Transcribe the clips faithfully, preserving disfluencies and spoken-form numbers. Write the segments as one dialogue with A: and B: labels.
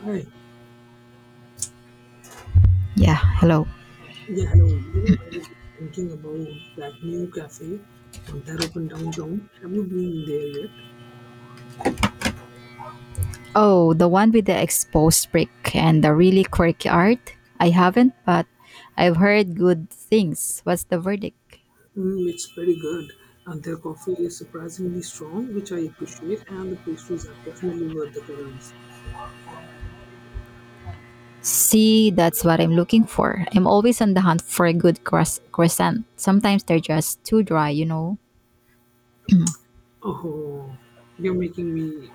A: Hi.
B: Yeah, hello.
A: Yeah, hello. You know, I was just thinking about that new cafe uh, that opened downtown. Have you been there yet?
B: Oh, the one with the exposed brick and the really quirky art? I haven't, but I've heard good things. What's the verdict?
A: Mm, it's pretty good. Uh, their coffee is surprisingly strong, which I appreciate, and the pastries are definitely worth the calories.
B: See, that's what I'm looking for. I'm always on the hunt for a good croiss- croissant. Sometimes they're just too dry, you know.
A: Oh, you're making me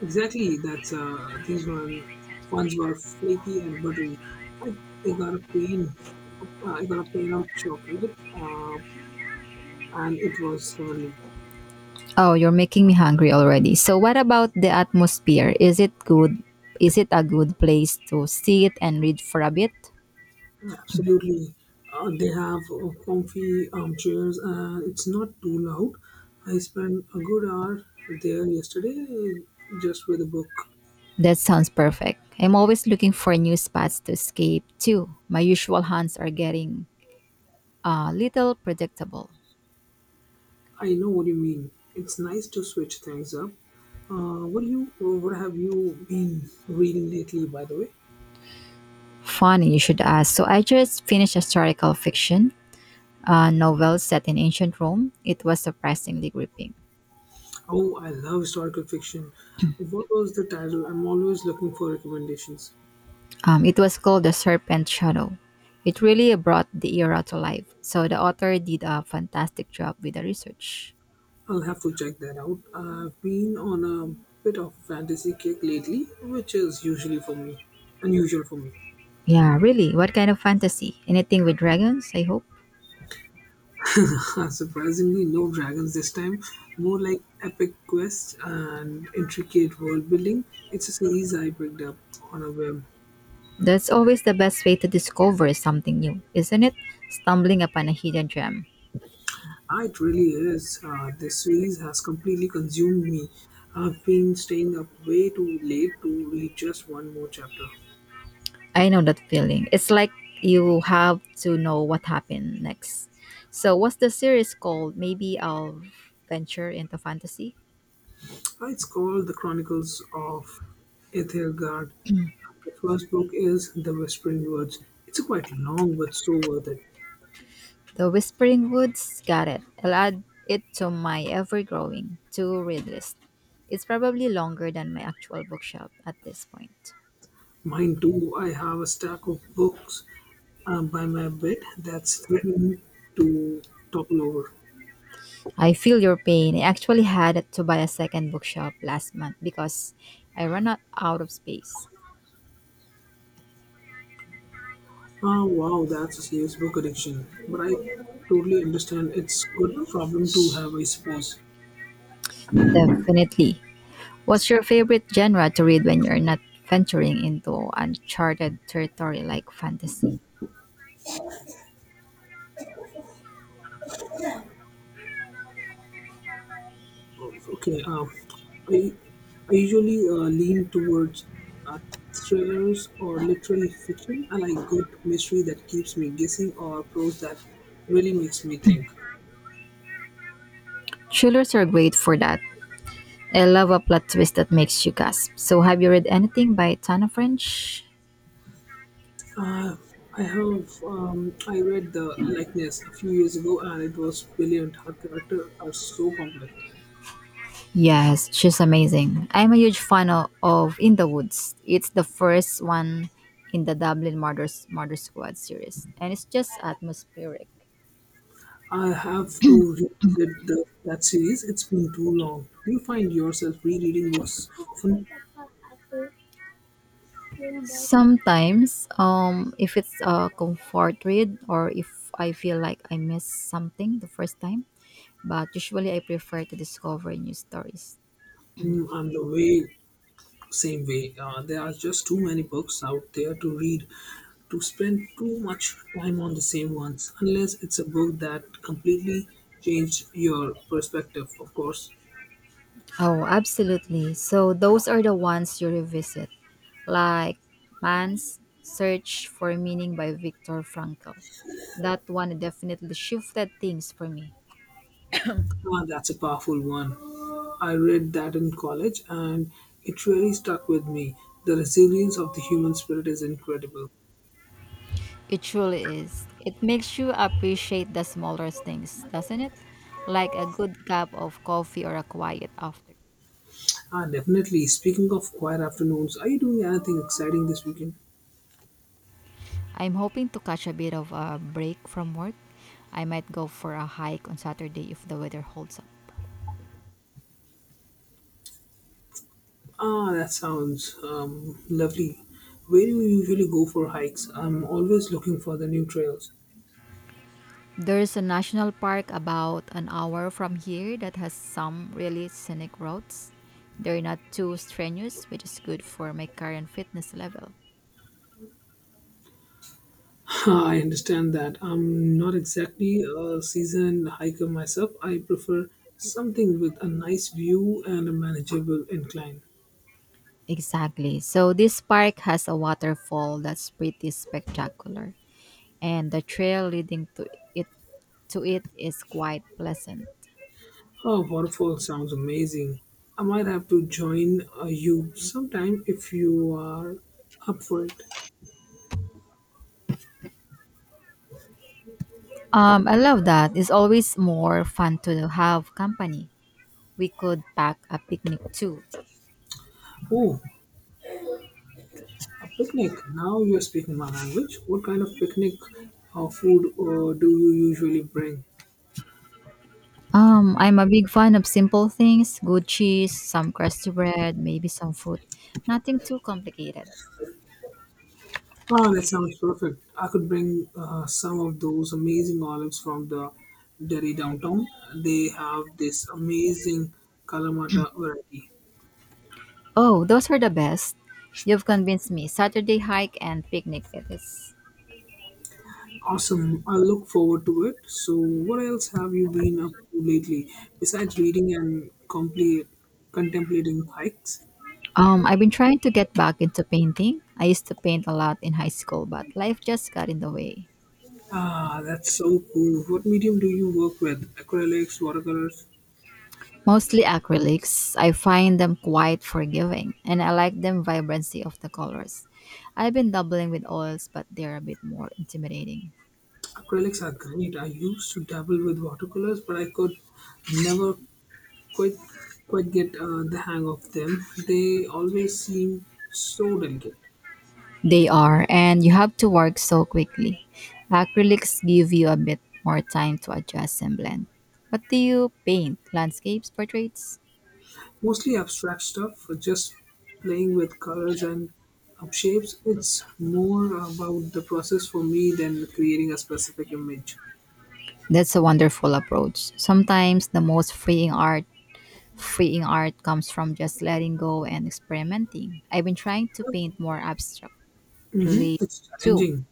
A: exactly. That's uh, these one ones were flaky and buttery. I, I got a pain. uh, I got a pain of chocolate, uh, and it was heavenly.
B: Oh, you're making me hungry already. So, what about the atmosphere? Is it good? Is it a good place to sit and read for a bit?
A: Absolutely. Uh, they have uh, comfy armchairs and it's not too loud. I spent a good hour there yesterday uh, just with a book.
B: That sounds perfect. I'm always looking for new spots to escape too. My usual hunts are getting a little predictable.
A: I know what you mean. It's nice to switch things up. Uh, what do you uh, what have you been reading lately, by the way?
B: Funny you should ask. So I just finished historical fiction, a novel set in ancient Rome. It was surprisingly gripping.
A: Oh, I love historical fiction. What was the title? I'm always looking for recommendations.
B: Um, it was called The Serpent Shadow. It really brought the era to life. So the author did a fantastic job with the research.
A: I'll have to check that out. I've been on a bit of a fantasy kick lately, which is usually for me, unusual for me.
B: Yeah, really. What kind of fantasy? Anything with dragons, I hope?
A: Surprisingly, no dragons this time. More like epic quests and intricate world building. It's a series I picked up on a whim.
B: That's always the best way to discover something new, isn't it? Stumbling upon a hidden gem.
A: Ah, it really is. Uh, this series has completely consumed me. I've been staying up way too late to read just one more chapter.
B: I know that feeling. It's like you have to know what happened next. So, what's the series called? Maybe I'll venture into fantasy?
A: It's called The Chronicles of Ethelgard. The first book is The Whispering Words. It's quite long but so worth it.
B: The Whispering Woods? Got it. I'll add it to my ever growing to read list. It's probably longer than my actual bookshelf at this point.
A: Mine too. I have a stack of books uh, by my bed that's threatened to topple over.
B: I feel your pain. I actually had to buy a second bookshelf last month because I ran out out of space.
A: Ah, wow, that's a serious book addiction. But I totally understand. It's good problem to have, I suppose.
B: Definitely. What's your favorite genre to read when you're not venturing into uncharted territory like fantasy?
A: Okay, uh, I, I usually uh, lean towards uh, thrillers or literary fiction. I like good mystery that keeps me guessing or prose that really makes me think.
B: Thrillers are great for that. I love a plot twist that makes you gasp. So, have you read anything by Tana French?
A: Uh, I have um, I read The Likeness a few years ago and it was brilliant. Her characters are so complex.
B: Yes, she's amazing. I'm a huge fan o- of In the Woods. It's the first one in the Dublin Murder, Murder Squad series, and it's just atmospheric.
A: I have to revisit the, that series. It's been too long. Do you find yourself rereading books often?
B: Sometimes, um, if it's a comfort read or if I feel like I missed something the first time, but usually I prefer to discover new stories.
A: Mm, I'm the way same way, uh, there are just too many books out there to read to spend too much time on the same ones unless it's a book that completely changed your perspective, of course.
B: Oh, absolutely. So those are the ones you revisit, like Man's Search for Meaning by Viktor Frankl. That one definitely shifted things for me.
A: Ah, that's a powerful one. I read that in college and it really stuck with me. The resilience of the human spirit is incredible.
B: It truly is. It makes you appreciate the smaller things, doesn't it? Like a good cup of coffee or a quiet after.
A: Ah, definitely. Speaking of quiet afternoons, are you doing anything exciting this weekend?
B: I'm hoping to catch a bit of a break from work. I might go for a hike on Saturday if the weather holds up.
A: Ah, that sounds um, lovely. Where do you usually go for hikes? I'm always looking for the new trails.
B: There's a national park about an hour from here that has some really scenic routes. They're not too strenuous, which is good for my current fitness level.
A: I understand that. I'm not exactly a seasoned hiker myself. I prefer something with a nice view and a manageable incline.
B: Exactly. So this park has a waterfall that's pretty spectacular, and the trail leading to it to it is quite pleasant.
A: Oh, waterfall sounds amazing. I might have to join uh, you sometime if you are up for it.
B: Um, I love that. It's always more fun to have company. We could pack a picnic too.
A: Oh, a picnic. Now you are speaking my language. What kind of picnic uh, food uh, do you usually bring?
B: Um, I'm a big fan of simple things, good cheese, some crusty bread, maybe some fruit. Nothing too complicated.
A: Ah, that sounds perfect. I could bring uh, some of those amazing olives from the Derry downtown. They have this amazing Kalamata variety.
B: Oh, those are the best. You've convinced me. Saturday hike and picnic it is.
A: Awesome. I look forward to it. So, what else have you been up to lately besides reading and complete, contemplating hikes?
B: Um, I've been trying to get back into painting. I used to paint a lot in high school, but life just got in the way.
A: Ah, that's so cool. What medium do you work with? Acrylics, watercolors?
B: Mostly acrylics. I find them quite forgiving, and I like them vibrancy of the colors. I've been doubling with oils, but they're a bit more intimidating.
A: Acrylics are great. I used to dabble with watercolors, but I could never quite quite get uh, the hang of them. They always seem so delicate.
B: They are, and you have to work so quickly. Acrylics give you a bit more time to adjust and blend. What do you paint? Landscapes, portraits?
A: Mostly abstract stuff, just playing with colors and uh, shapes. It's more about the process for me than creating a specific image.
B: That's a wonderful approach. Sometimes the most freeing art freeing art comes from just letting go and experimenting. I've been trying to paint more abstractly
A: Hmm, it's
B: too.
A: challenging.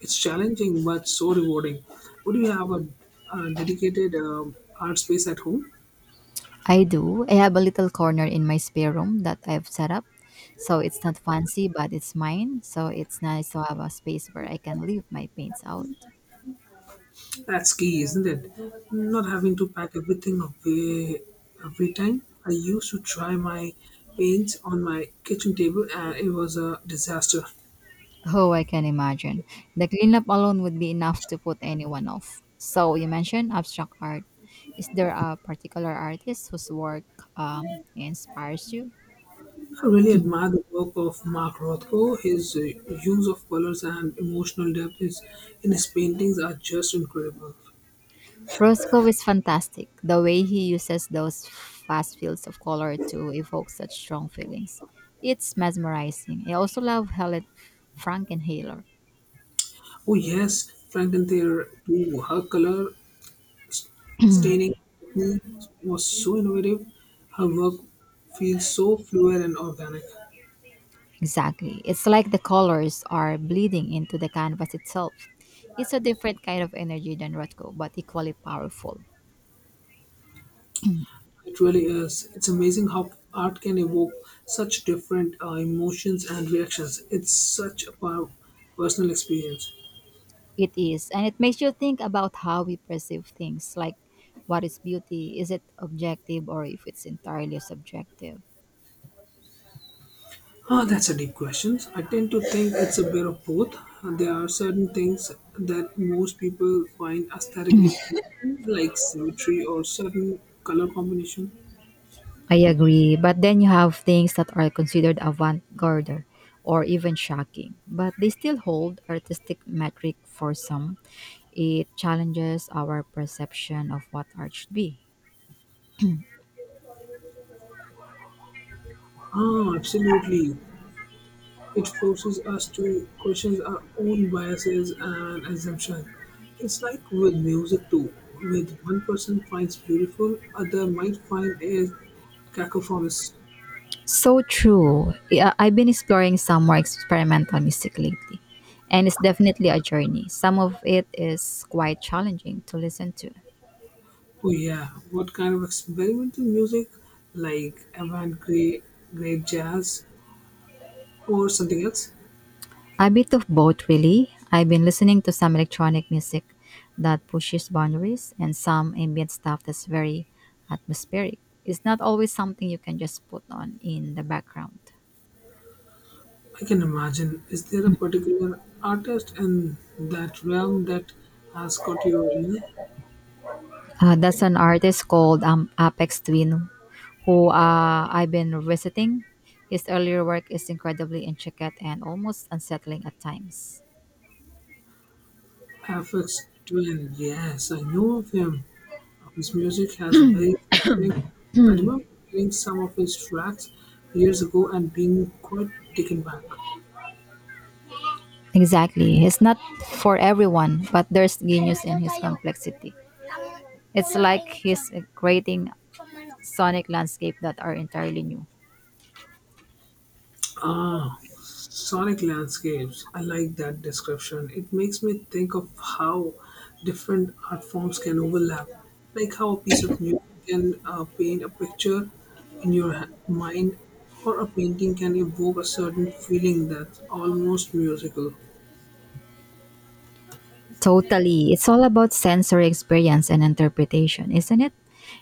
A: It's challenging, but so rewarding. Would you have a, a dedicated um art space at home?
B: I do. I have a little corner in my spare room that I've set up. So it's not fancy, but it's mine. So it's nice to have a space where I can leave my paints out.
A: That's key, isn't it? Not having to pack everything away every time. I used to try my paints on my kitchen table and it was a disaster.
B: Oh, I can imagine. The cleanup alone would be enough to put anyone off. So, you mentioned abstract art. Is there a particular artist whose work um, inspires you?
A: I really admire the work of Mark Rothko. His uh, use of colors and emotional depth is, in his paintings are just incredible.
B: Roscoe is fantastic. The way he uses those fast fields of color to evoke such strong feelings. It's mesmerizing. I also love Helen Frankenhaler.
A: Oh, yes, Frankenthaler too. Her color s- staining technique was so innovative. Her work feels so fluid and organic.
B: Exactly. It's like the colors are bleeding into the canvas itself. It's a different kind of energy than Rothko, but equally powerful.
A: It really is. It's amazing how art can evoke such different uh, emotions and reactions. It's such a per- personal experience.
B: It is, and it makes you think about how we perceive things, like what is beauty? Is it objective or if it's entirely subjective?
A: Ah, that's a deep question. I tend to think it's a bit of both. There are certain things that most people find aesthetically pleasing, like symmetry or certain color combination.
B: I agree, but then you have things that are considered avant garde or even shocking, but they still hold artistic metric for some. It challenges our perception of what art should be.
A: Ah, absolutely. It forces us to question our own biases and assumptions. It's like with music too, with one person finds beautiful, other might find it cacophonous.
B: So true. Yeah, I've been exploring some more experimental music lately, and it's definitely a journey. Some of it is quite challenging to listen to.
A: Oh yeah, what kind of experimental music, like avant-garde, great jazz, or something else?
B: A bit of both, really. I've been listening to some electronic music that pushes boundaries and some ambient stuff that's very atmospheric. It's not always something you can just put on in the background.
A: I can imagine. Is there a particular artist in that realm that has caught your ear?
B: Uh, that's an artist called um, Apex Twin, who uh, I've been revisiting. His earlier work is incredibly intricate and almost unsettling at times.
A: F X Twin. Yes, I know of him. His music has a very distinct. I remember hearing some of his tracks years ago and being quite taken back.
B: Exactly. It's not for everyone, but there's genius in his complexity. It's like he's creating sonic landscape that are entirely new.
A: Ah, sonic landscapes. I like that description. It makes me think of how different art forms can overlap, like how a piece of music can uh, paint a picture in your ha- mind, or a painting can evoke a certain feeling that's almost musical.
B: Totally. It's all about sensory experience and interpretation, isn't it?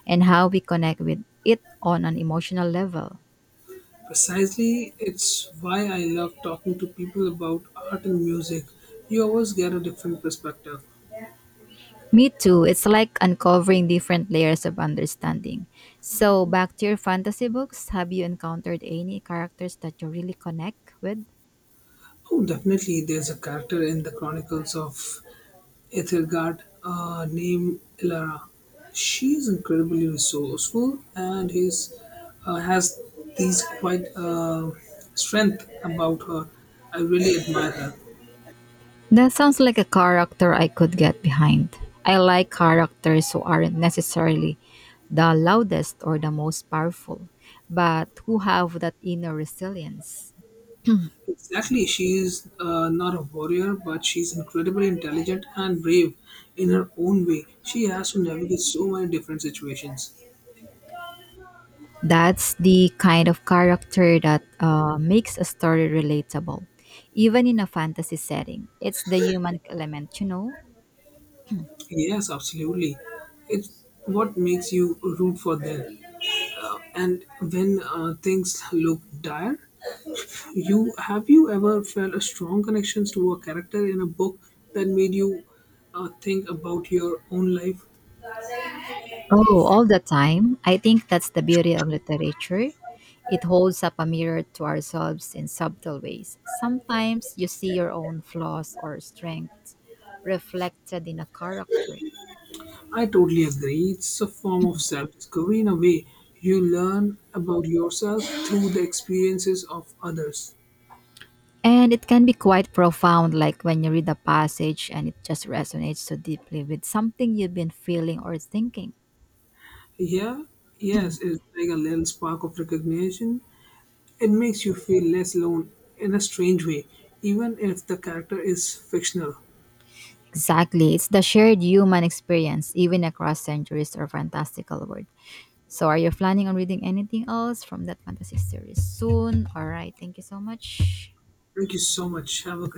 B: And how we connect with it on an emotional level.
A: Precisely, it's why I love talking to people about art and music. You always get a different perspective.
B: Me too. It's like uncovering different layers of understanding. So, back to your fantasy books, have you encountered any characters that you really connect with?
A: Oh, definitely, there's a character in the Chronicles of Ethelgard uh, named Ilara. She's incredibly resourceful and is uh, has these quite uh, strength about her. I really admire her.
B: That sounds like a character I could get behind. I like characters who aren't necessarily the loudest or the most powerful, but who have that inner resilience.
A: Exactly, she's uh, not a warrior, but she's incredibly intelligent and brave in her own way. She has to navigate so many different situations.
B: That's the kind of character that uh, makes a story relatable, even in a fantasy setting. It's the human element, you know?
A: Yes, absolutely. It's what makes you root for them. Uh, and when uh, things look dire, you have you ever felt a strong connection to a character in a book that made you uh, think about your own life?
B: Oh, all the time. I think that's the beauty of literature. It holds up a mirror to ourselves in subtle ways. Sometimes you see your own flaws or strengths reflected in a character.
A: I totally agree. It's a form of self discovery in a way. You learn about yourself through the experiences of others.
B: And it can be quite profound, like when you read a passage and it just resonates so deeply with something you've been feeling or thinking.
A: Yeah, yes, it's like a little spark of recognition. It makes you feel less alone in a strange way, even if the character is fictional.
B: Exactly. It's the shared human experience, even across centuries or fantastical world. So are you planning on reading anything else from that fantasy series soon? Alright, thank you so much.
A: Thank you so much. Have a